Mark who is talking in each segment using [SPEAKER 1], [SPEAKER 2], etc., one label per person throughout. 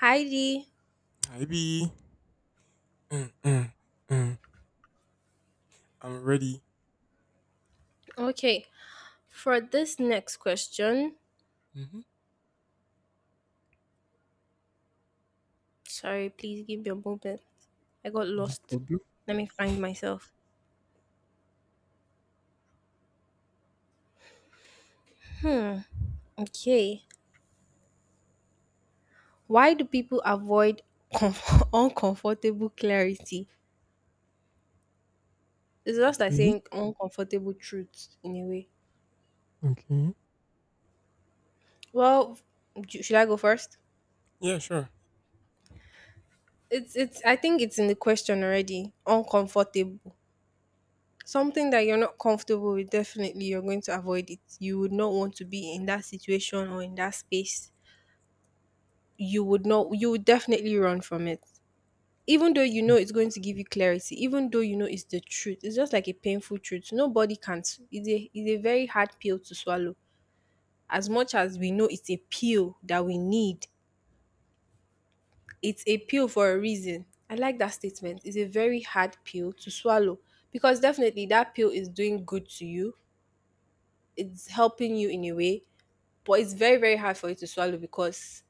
[SPEAKER 1] Heidi.
[SPEAKER 2] Maybe. Mm, mm, mm. I'm ready.
[SPEAKER 1] Okay, for this next question,
[SPEAKER 2] Hmm.
[SPEAKER 1] sorry, please give me a moment. I got
[SPEAKER 2] No
[SPEAKER 1] lost.
[SPEAKER 2] problem.
[SPEAKER 1] Let me find myself. Hmm. Okay. Why do people avoid uncomfortable clarity? It's just like
[SPEAKER 2] Okay.
[SPEAKER 1] saying uncomfortable truths in a way.
[SPEAKER 2] Okay.
[SPEAKER 1] Well, should I go first?
[SPEAKER 2] Yeah, sure.
[SPEAKER 1] It's it's. I think it's in the question already. Uncomfortable. Something that you're not comfortable with, definitely you're going to avoid it. You would not want to be in that situation or in that space. You would not, you would definitely run from it. Even though you know it's going to give you clarity, even though you know it's the truth, it's just like a painful truth. It's a very hard pill to swallow. As much as we know it's a pill that we need, it's a pill for a reason. I like that statement. It's a very hard pill to swallow because definitely that pill is doing good to you. It's helping you in a way, but it's very very hard for you to swallow because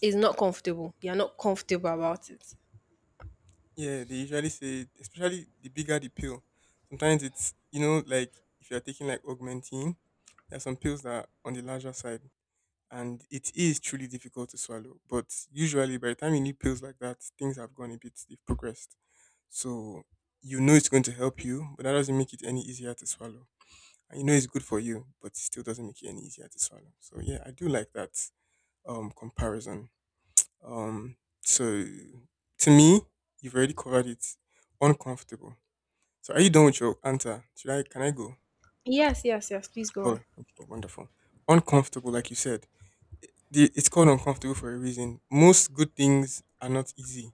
[SPEAKER 1] it's not comfortable. You're not comfortable about it.
[SPEAKER 2] Yeah, they usually say, especially the bigger the pill. Sometimes it's, like if you're taking like augmentin, there are some pills that are on the larger side, and it is truly difficult to swallow. But usually, by the time you need pills like that, things have gone a bit, they've progressed. So you know it's going to help you, but that doesn't make it any easier to swallow. And you know it's good for you, but it still doesn't make it any easier to swallow. So yeah, I do like that comparison. So to me, you've already covered it. Uncomfortable. So are you done with your answer? Should I Can I go?
[SPEAKER 1] Yes, yes, yes. Please go
[SPEAKER 2] Oh,
[SPEAKER 1] on.
[SPEAKER 2] okay, wonderful. Uncomfortable, like you said. The, it's called uncomfortable for a reason. Most good things are not easy.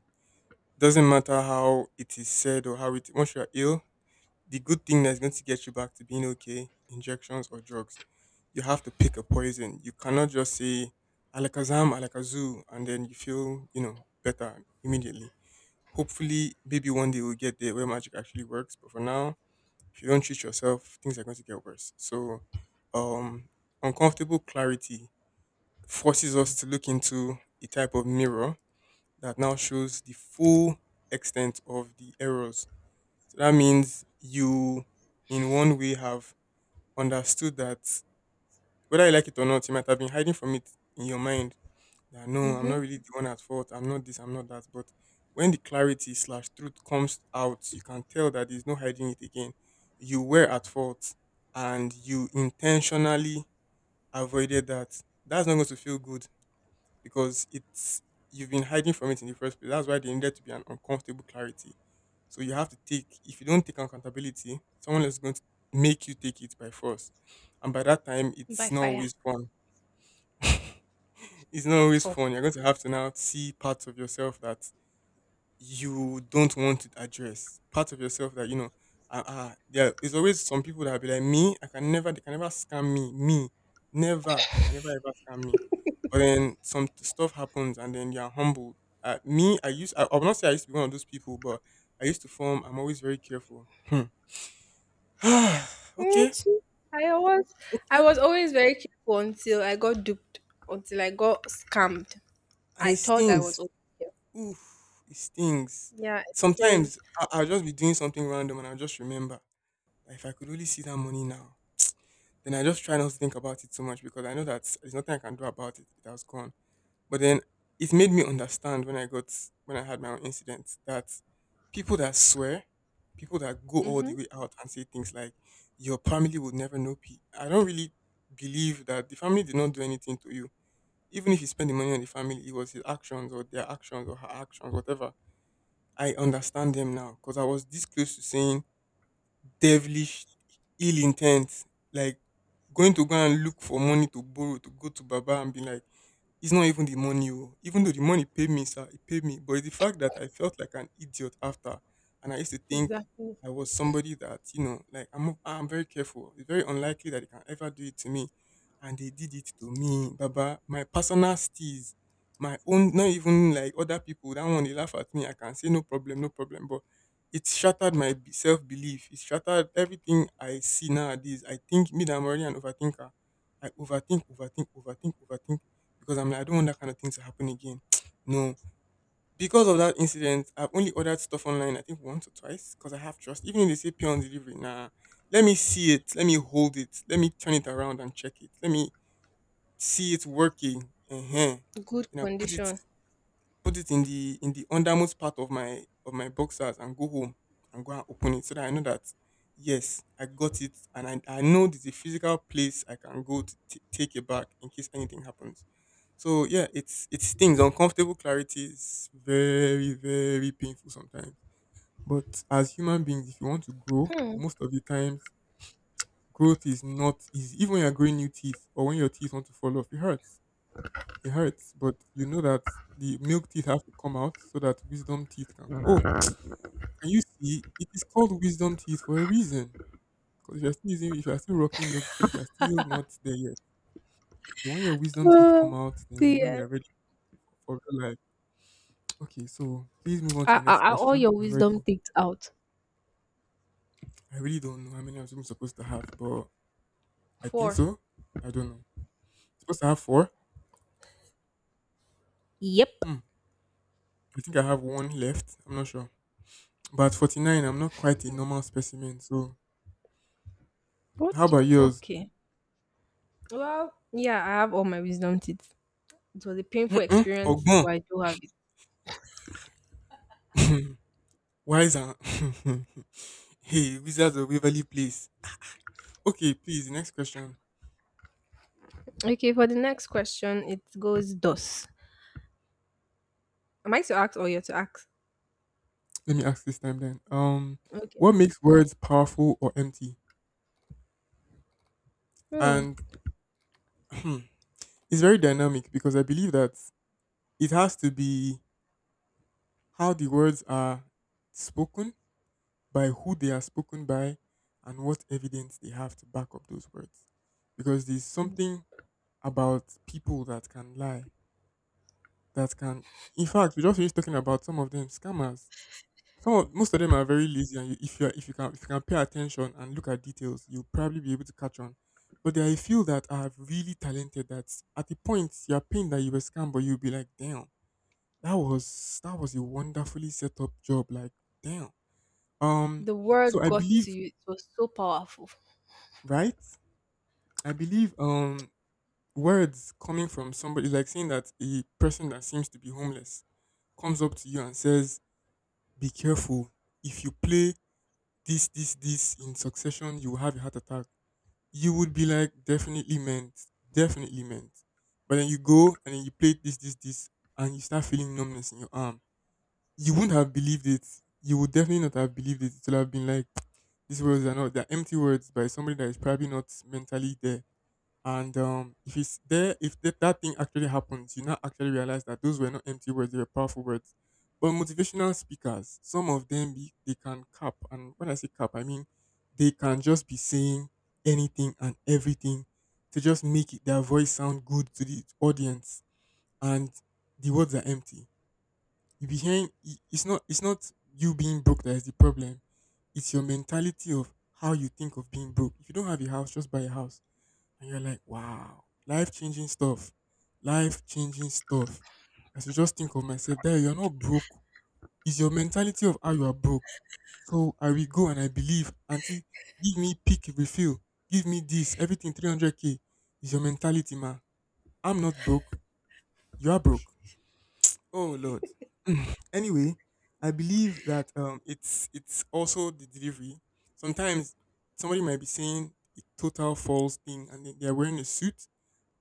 [SPEAKER 2] Doesn't matter how it is said or how it once you are ill, the good thing that's going to get you back to being okay, injections or drugs, you have to pick a poison. You cannot just say alakazam, alakazoo, and then you feel, you know, better immediately. Hopefully, maybe one day we'll get there where magic actually works. But for now, if you don't treat yourself, things are going to get worse. So, um, uncomfortable clarity forces us to look into a type of mirror that now shows the full extent of the errors. So that means you, in one way, have understood that whether you like it or not, you might have been hiding from it in your mind that no, I'm
[SPEAKER 1] Mm-hmm.
[SPEAKER 2] not really the one at fault. I'm not this. I'm not that. But when the clarity slash truth comes out, you can tell that there's no hiding it again. You were at fault, and you intentionally avoided that. That's not going to feel good because it's you've been hiding from it in the first place. That's why there needed to be an uncomfortable clarity. So you have to take. If you don't take accountability, someone is going to make you take it by force, and by that time,
[SPEAKER 1] By
[SPEAKER 2] it's not
[SPEAKER 1] fire
[SPEAKER 2] always fun. It's not
[SPEAKER 1] at
[SPEAKER 2] always
[SPEAKER 1] all.
[SPEAKER 2] fun. You're going to have to now see parts of yourself that you don't want to address. Parts of yourself that you know. There is always some people that be like me. I can never. They can never scam me. Me, never. They can never ever scam me. But then some stuff happens, and then you're humbled. Me, I will not say I used to be one of those people, but I used to form. I'm always very careful. Hmm.
[SPEAKER 1] Me
[SPEAKER 2] Okay.
[SPEAKER 1] too. I was I
[SPEAKER 2] Okay.
[SPEAKER 1] was always very careful until I got duped, until I got scammed.
[SPEAKER 2] And
[SPEAKER 1] I
[SPEAKER 2] it
[SPEAKER 1] thought I was
[SPEAKER 2] stings.
[SPEAKER 1] okay.
[SPEAKER 2] Oof, it stings.
[SPEAKER 1] Yeah, it
[SPEAKER 2] Sometimes
[SPEAKER 1] is.
[SPEAKER 2] I'll just be doing something random and I'll just remember that if I could only see that money now, then I just try not to think about it so much because I know that there's nothing I can do about it. It has gone. But then it made me understand when I had my own incident that people that swear, people that go all the
[SPEAKER 1] Mm-hmm.
[SPEAKER 2] way out and say things like your family would never know P. I don't really believe that the family did not do anything to you. Even if you spend the money on the family, it was his actions or their actions or her actions, whatever. I understand them now because I was this close to saying devilish, ill intent, like going to go and look for money to borrow to go to Baba and be like, it's not even the money, oh. Even though the money paid me, sir, it paid me. But it's the fact that I felt like an idiot after, and I used to think
[SPEAKER 1] Exactly.
[SPEAKER 2] I was somebody that you know, like I'm very careful. It's very unlikely that they can ever do it to me, and they did it to me, Baba. My personal steez, my own, not even like other people. That one they laugh at me. I can say no problem, no problem. But it shattered my self belief. It shattered everything I see nowadays. I think me that I'm already an overthinker. I overthink, overthink, overthink, overthink because I'm like, I don't want that kind of thing to happen again. No. Because of that incident, I've only ordered stuff online, I think once or twice, because I have trust. Even if they say pay on delivery, nah, let me see it, let me hold it, let me turn it around and check it, let me see it working. Uh-huh.
[SPEAKER 1] Good
[SPEAKER 2] And I put it
[SPEAKER 1] condition.
[SPEAKER 2] put it in the undermost part of my boxers and go home and go and open it so that I know that yes, I got it and I know there's a physical place I can go to take it back in case anything happens. So yeah, it stings. Uncomfortable clarity is very, very painful sometimes. But as human beings, if you want to grow, most of the times growth is not easy. Even when you're growing new teeth or when your teeth want to fall off, it hurts. It hurts, but you know that the milk teeth have to come out so that wisdom teeth can. Oh, can you see? It is called wisdom teeth for a reason. Because if you're still using, if you're still rocking milk teeth, you're still not there yet. When your wisdom teeth
[SPEAKER 1] Ah,
[SPEAKER 2] come out, then you know
[SPEAKER 1] yeah.
[SPEAKER 2] you're ready for real life. Okay, so please move on to
[SPEAKER 1] Are,
[SPEAKER 2] the
[SPEAKER 1] are,
[SPEAKER 2] next
[SPEAKER 1] are all
[SPEAKER 2] question.
[SPEAKER 1] your
[SPEAKER 2] I'm
[SPEAKER 1] wisdom
[SPEAKER 2] ready.
[SPEAKER 1] takes out?
[SPEAKER 2] I really don't know how many I'm supposed to have, but I think
[SPEAKER 1] Four.
[SPEAKER 2] so. I don't know. Supposed to have four.
[SPEAKER 1] Yep.
[SPEAKER 2] Hmm. I think I have one left. I'm not sure. But at 49, I'm not quite a normal specimen. So
[SPEAKER 1] What?
[SPEAKER 2] how about yours?
[SPEAKER 1] Okay. Well, yeah, I have all my wisdom teeth. It was a painful
[SPEAKER 2] Mm-mm.
[SPEAKER 1] experience,
[SPEAKER 2] Ogbon.
[SPEAKER 1] but I do have it.
[SPEAKER 2] Wiser. Hey, Wizards of Waverly Place. Okay, please, the next question.
[SPEAKER 1] Okay, for the next question, it goes dos. Am I to ask or you're to ask?
[SPEAKER 2] Let me ask this time then.
[SPEAKER 1] Okay.
[SPEAKER 2] What makes words powerful or empty?
[SPEAKER 1] Hmm.
[SPEAKER 2] And it's very dynamic because I believe that it has to be how the words are spoken, by who they are spoken by, and what evidence they have to back up those words. Because there's something about people that can lie that can in fact we just finished talking about some of them scammers, most of them are very lazy and you, if you can pay attention and look at details, you'll probably be able to catch on, but there are a few that are really talented that at the point you're pained that you were scammed, but you'll be like, damn, that was a wonderfully set up job, like, damn. um
[SPEAKER 1] The
[SPEAKER 2] so
[SPEAKER 1] word
[SPEAKER 2] I
[SPEAKER 1] got
[SPEAKER 2] believe,
[SPEAKER 1] to you. It was so powerful.
[SPEAKER 2] right, I believe, words coming from somebody like saying that a person that seems to be homeless comes up to you and says, "Be careful. If you play this, this, this in succession, you will have a heart attack." You would be like, "Definitely meant. Definitely meant." But then you go and then you play this, this, this, and you start feeling numbness in your arm. You wouldn't have believed it. You would definitely not have believed it. It would have been like, these words are not, they're empty words by somebody that is probably not mentally there. And if it's there, if that thing actually happens, you now actually realize that those were not empty words; they were powerful words. But motivational speakers, some of them be, they can cap, and when I say cap, I mean they can just be saying anything and everything to just make it, their voice sound good to the audience, and the words are empty. You be hearing it's not you being broke that is the problem, it's your mentality of how you think of being broke. If you don't have a house, just buy a house, and you're like, wow, life changing stuff, life changing stuff. As you just think of myself that you're not broke, it's your mentality of how you are broke. So I will go and I believe auntie, give me peak refill, give me this, everything 300K is your mentality, ma. I'm not broke, you are broke. Oh Lord. Anyway, I believe that it's also the delivery. Sometimes somebody might be saying a total false thing and then they're wearing a suit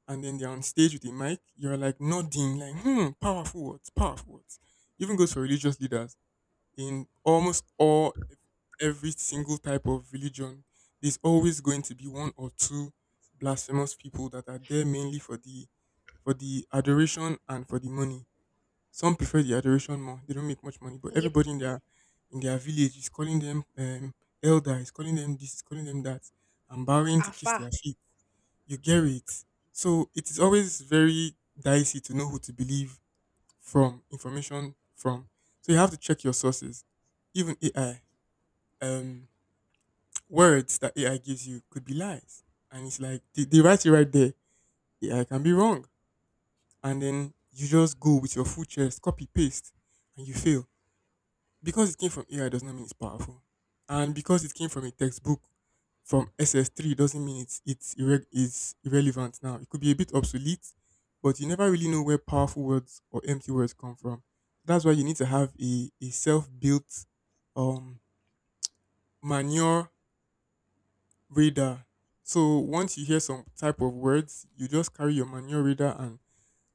[SPEAKER 2] and then they're on stage with a mic, you're like nodding, like, hmm, powerful words, powerful words. Even goes for religious leaders. In almost all every single type of religion, there's always going to be one or two blasphemous people that are there mainly for the adoration and for the money. Some prefer the adoration more. They don't make much money, but
[SPEAKER 1] Yep.
[SPEAKER 2] everybody in their village is calling them elder, is calling them this, is calling them that, and bowing to kiss
[SPEAKER 1] Afa.
[SPEAKER 2] their feet. You get it. So it is always very dicey to know who to believe from information from. So you have to check your sources. Even AI, um, words that AI gives you could be lies, and it's like they write it right there. AI can be wrong, and then you just go with your full chest, copy paste, and you fail because it came from AI does not mean it's powerful, and because it came from a textbook from SS3 doesn't mean it's irrelevant now. It could be a bit obsolete, but you never really know where powerful words or empty words come from. That's why you need to have a self built um manure radar. So once you hear some type of words, you just carry your manure radar and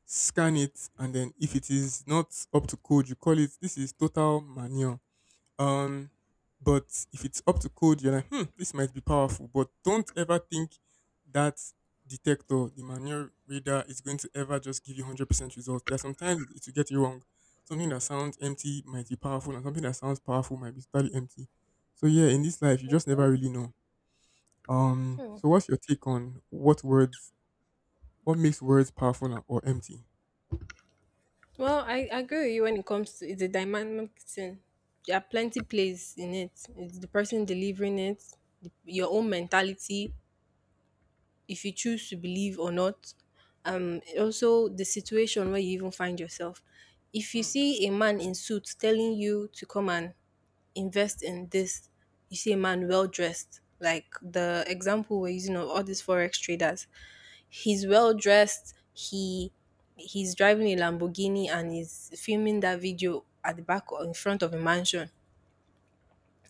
[SPEAKER 2] scan it, and then if it is not up to code, you call it this is total manure um, but if it's up to code, you're like, hmm, this might be powerful. But don't ever think that detector, the manual reader, is going to ever just give you 100% results. There are sometimes it will get you wrong. Something that sounds empty might be powerful, and something that sounds powerful might be totally empty. So yeah, in this life, you just never really know. So what's your take on what words, what makes words powerful or empty?
[SPEAKER 1] Well, I agree with you when it comes to it's a dynamic thing. There are plenty plays in it. It's the person delivering it, the, your own mentality, if you choose to believe or not. Also the situation where you even find yourself. If you see a man in suit telling you to come and invest in this, you see a man well dressed, like the example we're using of all these forex traders. He's well dressed. He's driving a Lamborghini and he's filming that video at the back or in front of a mansion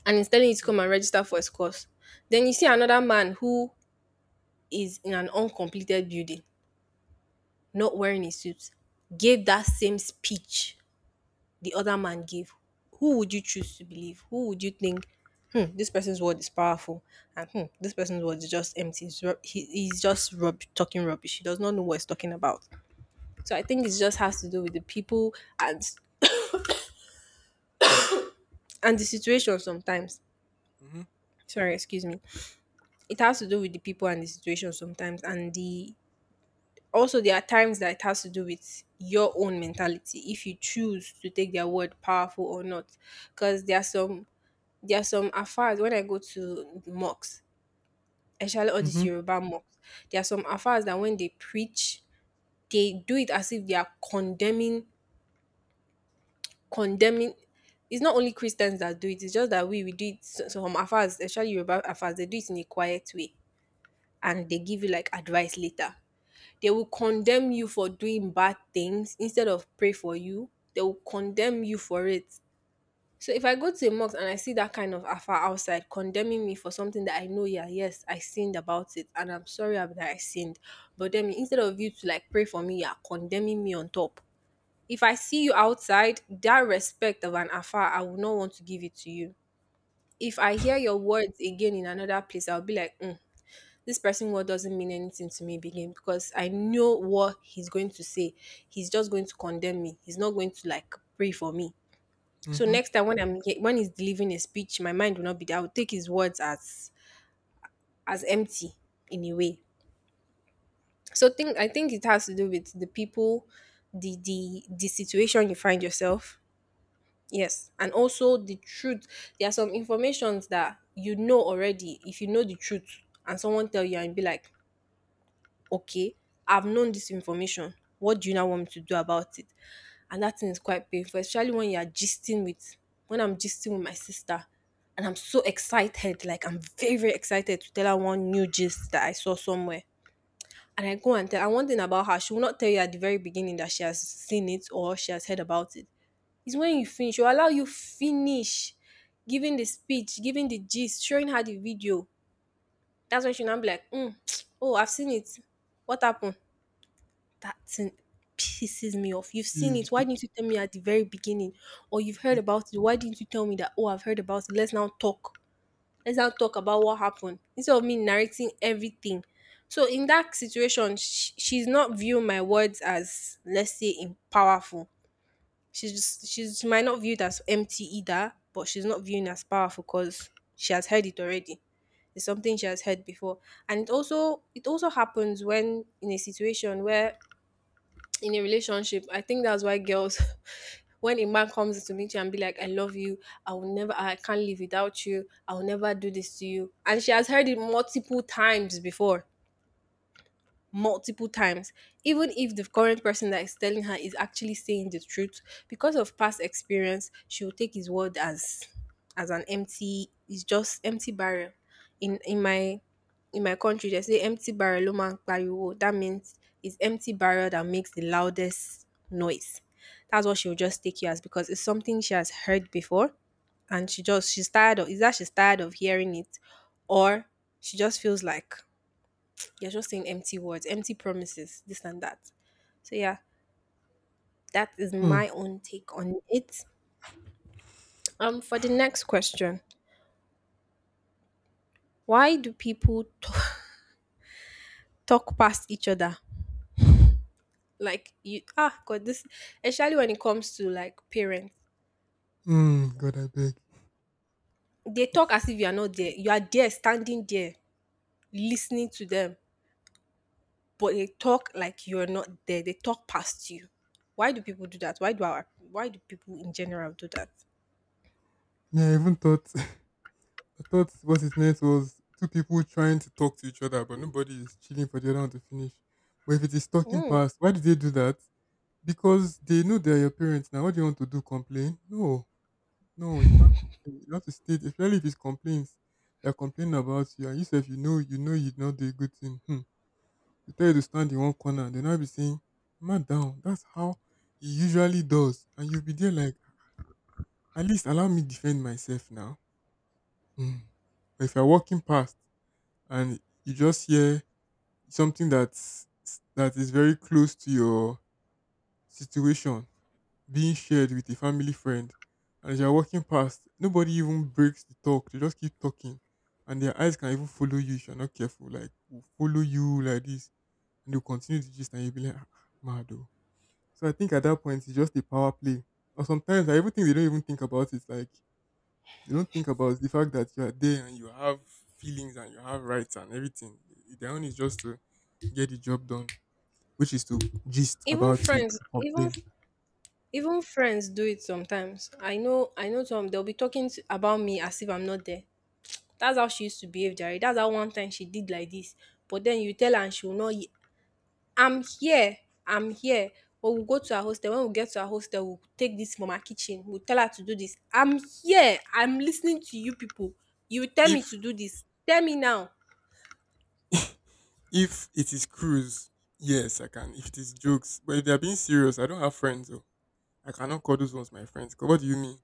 [SPEAKER 1] and he's telling you to come and register for his course. Then you see another man who is in an uncompleted building, not wearing a suit, gave that same speech the other man gave. Who would you choose to believe? Who would you think, hmm, this person's word is powerful, and hmm, this person's word is just empty. He's just talking rubbish. He does not know what he's talking about. So I think it just has to do with the people and the
[SPEAKER 2] Bless you, brother.
[SPEAKER 1] situation sometimes.
[SPEAKER 2] Mm-hmm.
[SPEAKER 1] Sorry, excuse me.
[SPEAKER 2] It's
[SPEAKER 1] It has to
[SPEAKER 2] fine.
[SPEAKER 1] do with the people and the situation sometimes, and the— Also, there are times that it has to do with your own mentality, if you choose to take their word powerful or not. Because there are some afars when I go to mocks, especially all these
[SPEAKER 2] Mm-hmm.
[SPEAKER 1] Yoruba mocks, there are some afars that when they preach, they do it as if they are condemning, condemning— it's not only Christians that do it, it's just that we do it some afars, especially Yoruba afars, they do it in a quiet way and they give you like advice later. They will condemn you for doing bad things instead of pray for you. They will condemn you for it. So if I go to a mosque and I see that kind of afa outside condemning me for something that I know, yeah, yes, I sinned about it and I'm sorry that I sinned. But then instead of you to like pray for me, you're condemning me on top. If I see you outside, that respect of an afa, I will not want to give it to you. If I hear your words again in another place, I'll be like, "Mm, this person word doesn't mean anything to me again because I know what he's going to say. He's just going to condemn me. He's not going to like pray for me." So
[SPEAKER 2] Mm-hmm.
[SPEAKER 1] next time when when he's delivering a speech, my mind will not be there. I will take his words as empty in a way. So think I think it has to do with the people, the situation you find yourself. Yes, and also the truth. There are some informations that you know already. If you know the truth, and someone tell you and be like, okay, I've known this information. What do you now want me to do about it? And that thing is quite painful, especially when you are when I'm gisting with my sister and I'm so excited, like I'm very, very excited to tell her one new gist that I saw somewhere. And I go and tell, and one thing about her, she will not tell you at the very beginning that she has seen it or she has heard about it. It's when you finish, she'll allow you finish giving the speech, giving the gist, showing her the video. That's when she'll now be like, mm, oh, I've seen it. What happened? That thing pisses me off. You've seen it.
[SPEAKER 2] Yeah.
[SPEAKER 1] Why didn't you tell me at the very beginning? Or you've heard about it. Why didn't you tell me that? Oh, I've heard about it. Let's now talk. Let's now talk about what happened instead of me narrating everything. So in that situation, sh she's not viewing my words as let's say in powerful. She might not view it as empty either, but she's not viewing it as powerful because she has heard it already. It's something she has heard before, and it also happens when in a situation where in a relationship. I think that's why girls, when a man comes to meet you and be like, I love you, I will never, I can't live without you, I will never do this to you. And she has heard it multiple times before, multiple times, even if the current person that is telling her is actually saying the truth, because of past experience, she will take his word as an empty it's just empty barrel. In in my in my country they say empty barrel ló máa ń pariwo. That means it's empty barrel that makes the loudest noise. That's what she will just take you as because it's something she has heard before and she's tired of hearing it, or she just feels like you're just saying empty words, empty promises, this and that. So yeah, that is
[SPEAKER 2] Hmm.
[SPEAKER 1] my own take on it. For the next question, why do people talk past each other? Like you, ah, God, this— especially when it comes to like parents,
[SPEAKER 2] Mm, God, I beg.
[SPEAKER 1] they talk as if you are not there. You are there, standing there, listening to them, but they talk like you are not there. They talk past you. Why do people do that? Why do our— why do people in general do that?
[SPEAKER 2] Yeah, I even thought I thought what it meant was two people trying to talk to each other, but nobody is chilling for the other one to finish. But if it is talking
[SPEAKER 1] Mm.
[SPEAKER 2] past, why did they do that? Because they know they're your parents now. What do you want to do? Complain? No, no, you can't complain. You have to state, especially if it's complaints, they're complaining about you, and you say if you know, you know you did not do a good thing. Hmm. They tell you to stand in one corner, and they'll not be saying, "Man down." That's how he usually does, and you'll be there like, at least allow me defend myself now. Hmm. But if you're walking past. And you just hear something that is very close to your situation being shared with a family friend, and as you're walking past, nobody even breaks the talk, they just keep talking, and their eyes can even follow you if you're not careful, like will follow you like this, and they'll continue to gist and you'll be like, ah, mad oh. So I think at that point it's just a power play, or sometimes I even think they don't even think about it, like they don't think about the fact that you are there and you have feelings and you have rights and everything. Their own is just to get the job done, which is to gist
[SPEAKER 1] Even
[SPEAKER 2] about you,
[SPEAKER 1] friends,
[SPEAKER 2] complain.
[SPEAKER 1] even— even friends do it sometimes. I know some they'll be talking to, about me as if I'm not there. That's how she used to behave, Jerry. That's how one time she did like this. But then you tell her and she will not. Ye- I'm here. I'm here. But we'll go to our hostel. When we get to our hostel, we'll take this from our kitchen. We'll tell her to do this. I'm here. I'm listening to you people. You tell
[SPEAKER 2] If
[SPEAKER 1] me to do this. Tell me now.
[SPEAKER 2] if it is cruise, yes, I can. If it is jokes, but if they are being serious, I don't have friends. Though. I cannot call those ones my friends. 'Cause what do you mean?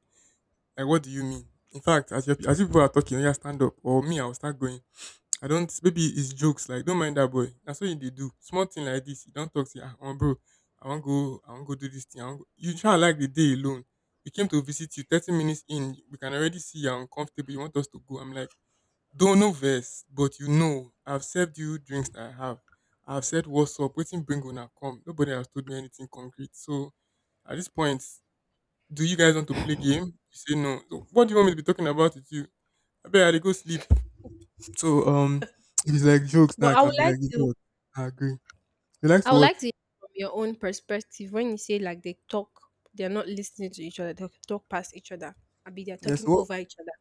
[SPEAKER 2] Like, what do you mean? In fact, as you people are talking, yeah, stand up. Or me, I'll start going. I don't. Maybe it's jokes. Like, don't mind that boy. That's what they do. Small thing like this. You don't talk. Say, ah, oh, bro, I want go. I want go do this thing. I want go. You try like the day alone. We came to visit you. 30 minutes in, we can already see you're uncomfortable. You want us to go. I'm like, don't know verse, but you know, I've served you drinks that I have. I've said what's up. Waiting, bring on come. Nobody has told me anything concrete. So at this point, do you guys want to play game? You say no. So, what do you want me to be talking about with you? I bet I go sleep. So if it's like jokes now,
[SPEAKER 1] But
[SPEAKER 2] I
[SPEAKER 1] I would
[SPEAKER 2] can be like,
[SPEAKER 1] like
[SPEAKER 2] you know
[SPEAKER 1] to—
[SPEAKER 2] what? I agree. You like
[SPEAKER 1] I
[SPEAKER 2] to
[SPEAKER 1] would
[SPEAKER 2] what?
[SPEAKER 1] like to hear from your own perspective when you say like they talk, they're not listening to each other, they talk past each other. I mean, they're
[SPEAKER 2] Yes.
[SPEAKER 1] talking
[SPEAKER 2] What?
[SPEAKER 1] over each other.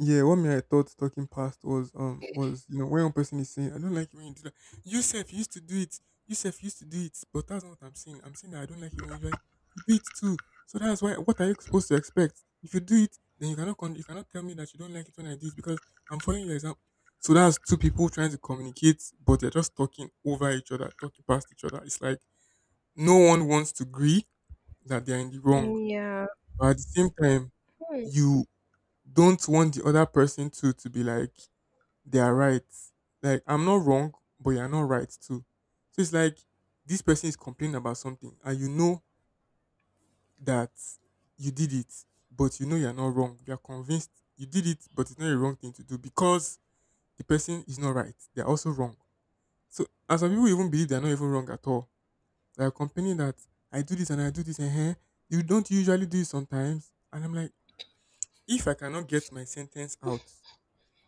[SPEAKER 2] Yeah, one me I thought talking past was you know when one person is saying I don't like it when you do that. Yourself used to do it. Yourself used to do it, but that's not what I'm saying. I'm saying that I don't like it when you do it. You do it too. So that's why. What are you supposed to expect? If you do it, then you cannot tell me that you don't like it when I do it because I'm following your example. So that's two people trying to communicate, but they're just talking over each other, talking past each other. It's like no one wants to agree that they're in the wrong,
[SPEAKER 1] Mm, yeah,
[SPEAKER 2] but at the same time,
[SPEAKER 1] mm,
[SPEAKER 2] you don't want the other person to be like they are right. Like I'm not wrong, but you're not right too. So it's like this person is complaining about something, and you know that you did it, but you know you're not wrong. You're convinced you did it, but it's not a wrong thing to do because the person is not right. They're also wrong. So and some people even believe they're not even wrong at all. They're complaining that I do this and I do this and here. You don't usually do it sometimes. And I'm like, if I cannot get my sentence out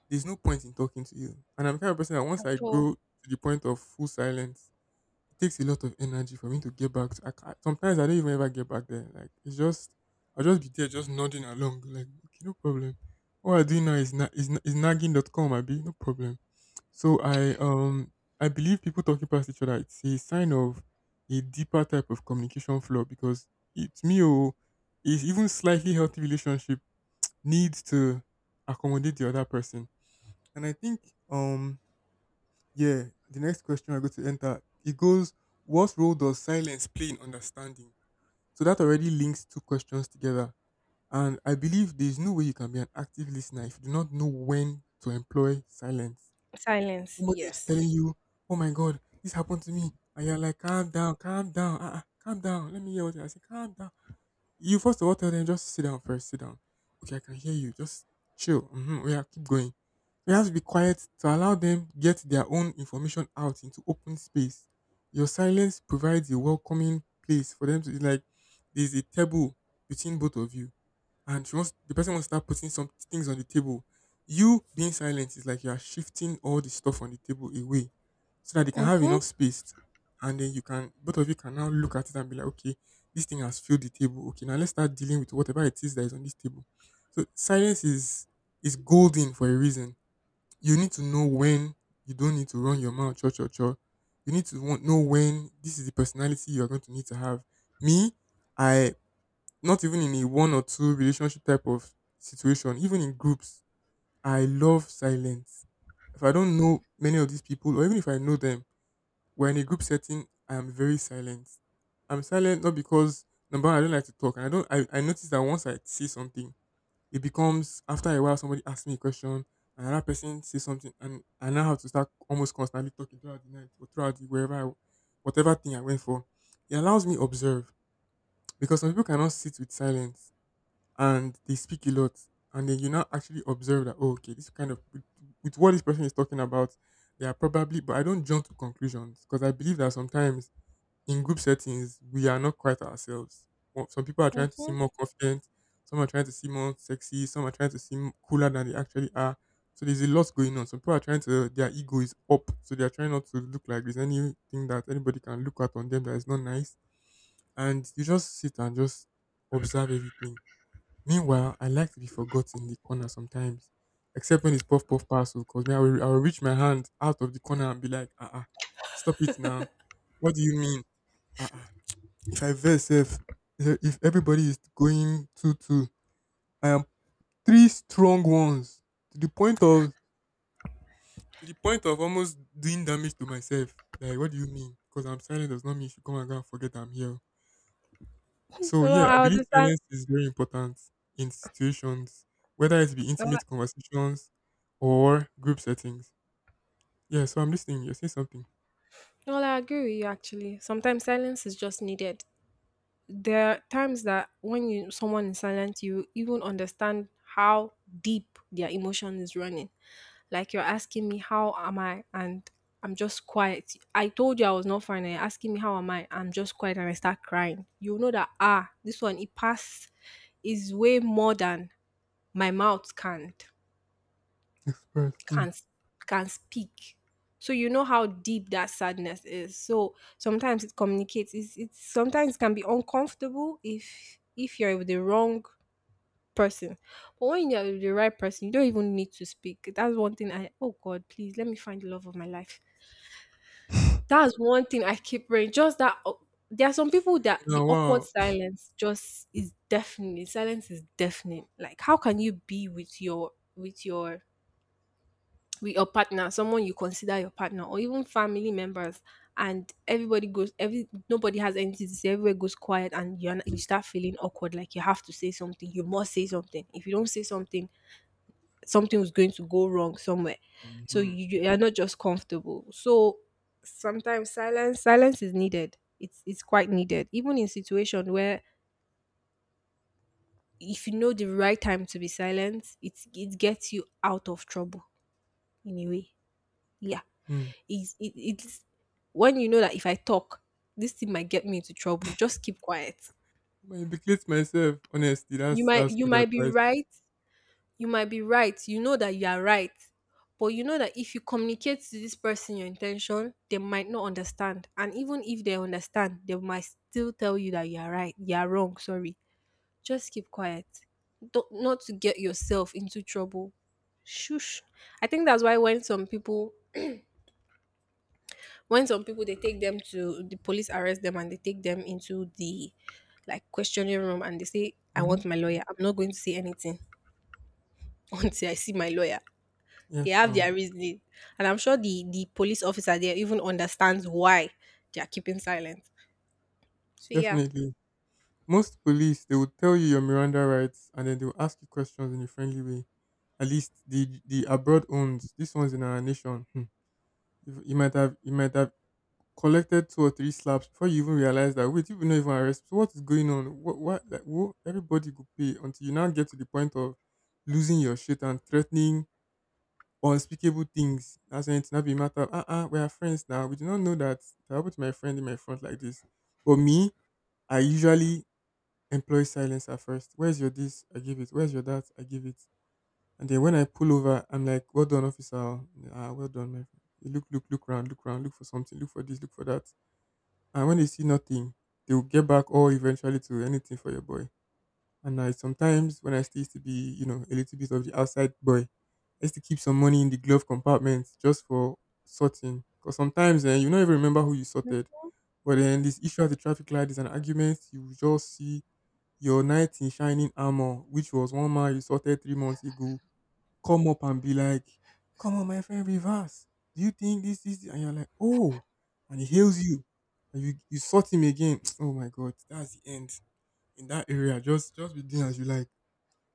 [SPEAKER 2] there's no point in talking to you. And I'm the kind of person that once I
[SPEAKER 1] at all.
[SPEAKER 2] go to the point of full silence, it takes a lot of energy for me to get back. To, I can't, sometimes I don't even ever get back there. Like it's just I'll just be there, just nodding along. Like okay, no problem. What I do now is is nagging.com. I be no problem. So I believe people talking past each other. It's a sign of a deeper type of communication flaw because it's me or is even slightly healthy relationship needs to accommodate the other person, and I think, yeah, the next question we're going to enter it goes, what role does silence play in understanding? So that already links two questions together. And I believe there is no way you can be an active listener if you do not know when to employ silence.
[SPEAKER 1] Silence,
[SPEAKER 2] Somebody is telling
[SPEAKER 1] yes.
[SPEAKER 2] you, "Oh my God, this happened to me," and you're like, "Calm down, calm down, calm down. Let me hear what you are saying. Calm down." You first of all tell them just sit down first, sit down. Okay, I can hear you. Just chill. Mm-hmm. Oh, yeah, keep going. You have to be quiet to allow them get their own information out into open space. Your silence provides a welcoming place for them to like. There's a table between both of you, and she wants the person wants to start putting some things on the table. You being silent is like you are shifting all the stuff on the table away so that they can have
[SPEAKER 1] Mm-hmm.
[SPEAKER 2] enough space, and then you can both of you can now look at it and be like, okay, this thing has filled the table. Okay, now let's start dealing with whatever it is that is on this table. So silence is golden for a reason. You need to know when you don't need to run your mouth, cho cho cho. You know when this is the personality you are going to need to have. Me, I not even in a one or two relationship type of situation, even in groups, I love silence. If I don't know many of these people, or even if I know them, we're in a group setting, I am very silent. I'm silent not because number one, I don't like to talk, and I don't. I notice that once I say something, it becomes after a while somebody asks me a question, and another person says something, and I now have to start almost constantly talking throughout the night or throughout the wherever, I, whatever thing I went for. It allows me observe because some people cannot sit with silence and they speak a lot. And then you now actually observe that, oh, okay, this kind of, with what this person is talking about, they are probably, but I don't jump to conclusions because I believe that sometimes in group settings, we are not quite ourselves. Well, some people are trying to
[SPEAKER 1] Mm-hmm.
[SPEAKER 2] seem more confident, some are trying to seem more sexy, some are trying to seem cooler than they actually are. So there's a lot going on. Some people are trying to, their ego is up. So they are trying not to look like there's anything that anybody can look at on them that is not nice. And you just sit and just observe everything. Meanwhile, I like to be forgotten in the corner sometimes, except when it's puff puff parcel. Cause me, I will reach my hand out of the corner and be like, ah uh-uh, stop it now. What do you mean? Ah uh-uh. if I verse if everybody is going two two, I am three strong ones to the point of to the point of almost doing damage to myself. Like, what do you mean? Because I'm silent does not mean you should come and go and forget I'm here. So
[SPEAKER 1] Well,
[SPEAKER 2] yeah, I
[SPEAKER 1] I
[SPEAKER 2] believe
[SPEAKER 1] understand.
[SPEAKER 2] silence is very important in situations, whether it be
[SPEAKER 1] Well, I
[SPEAKER 2] intimate conversations or group settings. Yeah, so I'm listening. You're saying something.
[SPEAKER 1] well, I agree with you actually. Sometimes silence is just needed. There are times that when you someone is silent, you even understand how deep their emotion is running. Like you're asking me how am I, and I'm just quiet. I told you I was not fine. And you're asking me how am I? I'm just quiet and I start crying. You know that ah, this one it passed— is way more than my mouth can't
[SPEAKER 2] Express. Hmm.
[SPEAKER 1] can can speak. So you know how deep that sadness is. So sometimes it communicates. It's sometimes can be uncomfortable if you're with the wrong person. But when you're with the right person, you don't even need to speak. That's one thing I oh God, please let me find the love of my life. That's one thing I keep praying. There are some people that
[SPEAKER 2] Now,
[SPEAKER 1] the awkward
[SPEAKER 2] wow.
[SPEAKER 1] silence just is deafening. Silence is deafening. Like how can you be with your partner, someone you consider your partner, or even family members, and everybody goes every nobody has anything to say. Everywhere goes quiet, and you start feeling awkward. Like you have to say something. You must say something. If you don't say something, something was going to go wrong somewhere. So
[SPEAKER 2] Mm-hmm.
[SPEAKER 1] you are not just comfortable. So sometimes silence is needed. It's quite needed. Even in situation where if you know the right time to be silent, it gets you out of trouble in a way. Yeah.
[SPEAKER 2] Mm.
[SPEAKER 1] It's when you know that if I talk, this thing might get me into trouble. Just keep quiet.
[SPEAKER 2] I implicate myself. Honestly, that's that's
[SPEAKER 1] You
[SPEAKER 2] good
[SPEAKER 1] might be
[SPEAKER 2] advice.
[SPEAKER 1] right you might be right you know that you are right, but you know that if you communicate to this person your intention, they might not understand, and even if they understand, they might still tell you that you are right, you are wrong, sorry, just keep quiet. Don't, Not to get yourself into trouble. Shush. I think that's why when some people, they take them to the police, arrest them, and they take them into the like questioning room, and they say, "I
[SPEAKER 2] Hmm.
[SPEAKER 1] want my lawyer, I'm not going to say anything until I see my lawyer." They
[SPEAKER 2] Yes,
[SPEAKER 1] have their reasoning. And I'm sure the police officer there even understands why they are keeping silent. So yeah.
[SPEAKER 2] definitely. Most police they will tell you your Miranda rights and then they will ask you questions in a friendly way. At least the abroad owns this one's in our nation. Hmm. You might have collected two or three slaps before you even realize that wait, you were not even arrested. So what is going on? What like whoa, everybody could pay until you now get to the point of losing your shit and threatening unspeakable things. That's when it's not be a matter of we are friends now. We do not know that that happened to my friend in my front like this. But me, I usually employ silence at first. Where's your this? I give it. Where's your that? I give it. And then when I pull over, I'm like, well done, officer. Ah, well done, my friend. You look, look, look round, look round, look for something, look for this, look for that, and when they see nothing, they will get back all eventually to anything for your boy. And I sometimes when I still used to be, you know, a little bit of the outside boy, I used to keep some money in the glove compartment just for sorting. Because sometimes eh, you don't even remember who you sorted. But then this issue at the traffic light is an argument. You will just see your knight in shining armor, which was one man you sorted 3 months ago, come up and be like, "Come on, my friend, reverse. Do you think this is?" And you're like, "Oh," and he hails you, and you sort him again. Oh my God, that's the end in that area. just be doing as you like,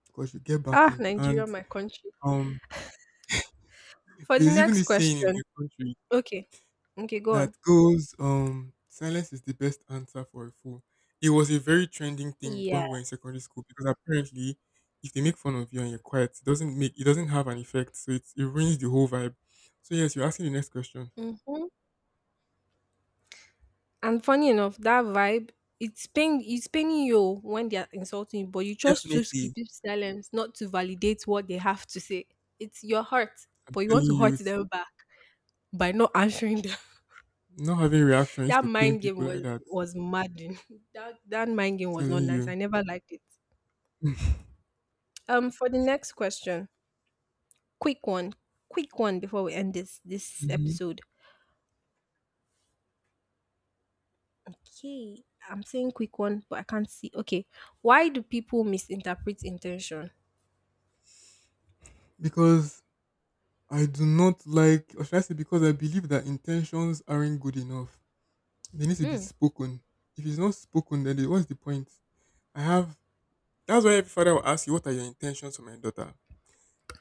[SPEAKER 2] because you get back
[SPEAKER 1] Ah,
[SPEAKER 2] in.
[SPEAKER 1] Nigeria,
[SPEAKER 2] And
[SPEAKER 1] my country.
[SPEAKER 2] um,
[SPEAKER 1] For the
[SPEAKER 2] there's even
[SPEAKER 1] next
[SPEAKER 2] this saying in
[SPEAKER 1] question.
[SPEAKER 2] the country
[SPEAKER 1] Okay. Okay, go
[SPEAKER 2] that
[SPEAKER 1] on.
[SPEAKER 2] goes, silence is the best answer for a fool. It was a very trending thing when
[SPEAKER 1] Yeah.
[SPEAKER 2] we were in secondary school because apparently if they make fun of you and you're quiet, it doesn't have an effect. So it ruins the whole vibe. So yes, you're asking the next question.
[SPEAKER 1] Mm-hmm. And funny enough, that vibe, it's paining you when they are insulting you, but you just choose to keep
[SPEAKER 2] Definitely.
[SPEAKER 1] silence, not to validate what they have to say. It's your heart,
[SPEAKER 2] I'm
[SPEAKER 1] but you want
[SPEAKER 2] telling
[SPEAKER 1] to
[SPEAKER 2] you,
[SPEAKER 1] hurt
[SPEAKER 2] it's,
[SPEAKER 1] them back by not answering them.
[SPEAKER 2] not having reaction used
[SPEAKER 1] That
[SPEAKER 2] to pain
[SPEAKER 1] mind game
[SPEAKER 2] people like
[SPEAKER 1] was
[SPEAKER 2] that.
[SPEAKER 1] was maddening. That mind game was
[SPEAKER 2] Telling
[SPEAKER 1] not nice.
[SPEAKER 2] you.
[SPEAKER 1] I never liked it. For the next question, quick one, before we end this
[SPEAKER 2] Mhm.
[SPEAKER 1] episode. Okay, I'm saying quick one, but I can't see. Okay, why do people misinterpret intention?
[SPEAKER 2] Because I do not like, or should I say, because I believe that intentions aren't good enough. They need to be
[SPEAKER 1] Hmm.
[SPEAKER 2] spoken. If it's not spoken, then what's the point? I have. That's why every father will ask you, "What are your intentions for my daughter?"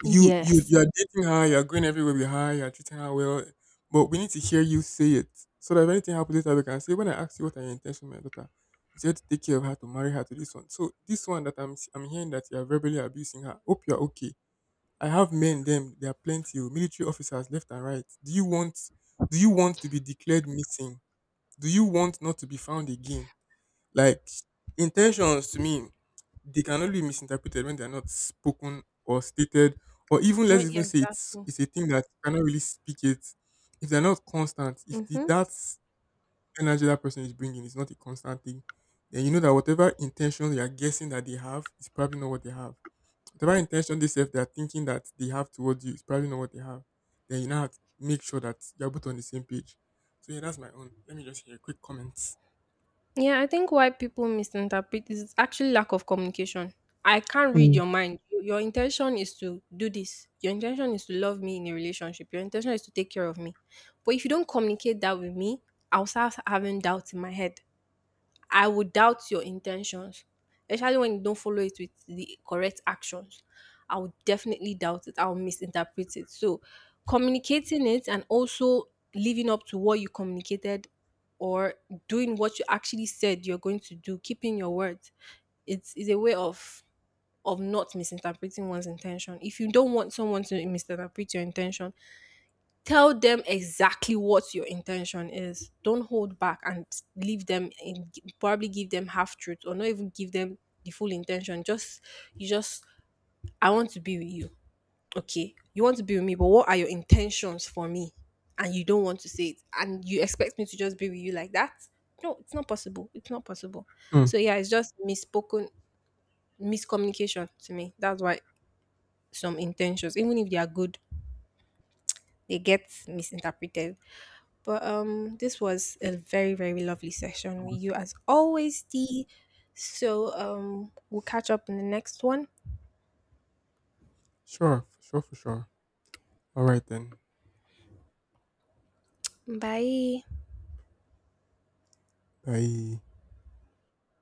[SPEAKER 2] You, you,
[SPEAKER 1] Yes.
[SPEAKER 2] you are dating her. You are going everywhere with her. You are treating her well, but we need to hear you say it so that if anything happens later, we can say, "When I asked you what are your intentions for my daughter, you said to take care of her, to marry her to this one." So this one that I'm hearing that you are verbally abusing her. Hope you are okay. I have men. Them, there are plenty. Oh, military officers left and right. Do you want? Do you want to be declared missing? Do you want not to be found again? Like intentions to me, they can only be misinterpreted when they're not spoken or stated, or even let's
[SPEAKER 1] Well,
[SPEAKER 2] even
[SPEAKER 1] yes,
[SPEAKER 2] say it's
[SPEAKER 1] that's.
[SPEAKER 2] it's a thing that you cannot really speak it. If they're not constant, if the,
[SPEAKER 1] Mm-hmm.
[SPEAKER 2] that energy that person is bringing is not a constant thing, then you know that whatever intention you are guessing that they have is probably not what they have. Whatever intention they say they are thinking that they have towards you is probably not what they have. Then you now have to make sure that you're both on the same page. So yeah, that's my own. Let me just hear quick comments.
[SPEAKER 1] Yeah, I think why people misinterpret is actually lack of communication. I can't read
[SPEAKER 2] Mm.
[SPEAKER 1] your mind. Your intention is to do this. Your intention is to love me in a relationship. Your intention is to take care of me. But if you don't communicate that with me, I'll start having doubts in my head. I would doubt your intentions, especially when you don't follow it with the correct actions. I would definitely doubt it. I'll misinterpret it. So, communicating it and also living up to what you communicated, or doing what you actually said you're going to do, keeping your words, it's a way of not misinterpreting one's intention. If you don't want someone to misinterpret your intention, tell them exactly what your intention is. Don't hold back and leave them and probably give them half truth, or not even give them the full intention. Just you just I want to be with you. Okay. You want to be with me, but what are your intentions for me? And you don't want to say it. And you expect me to just be with you like that? No, it's not possible. It's not possible.
[SPEAKER 2] Mm.
[SPEAKER 1] So yeah, it's just misspoken miscommunication to me. That's why some intentions, even if they are good, they get misinterpreted. But this was a very, very lovely session with you as always, Dee. So we'll catch up in the next one.
[SPEAKER 2] Sure, for sure, for sure. All right then.
[SPEAKER 1] Bye.
[SPEAKER 2] Bye.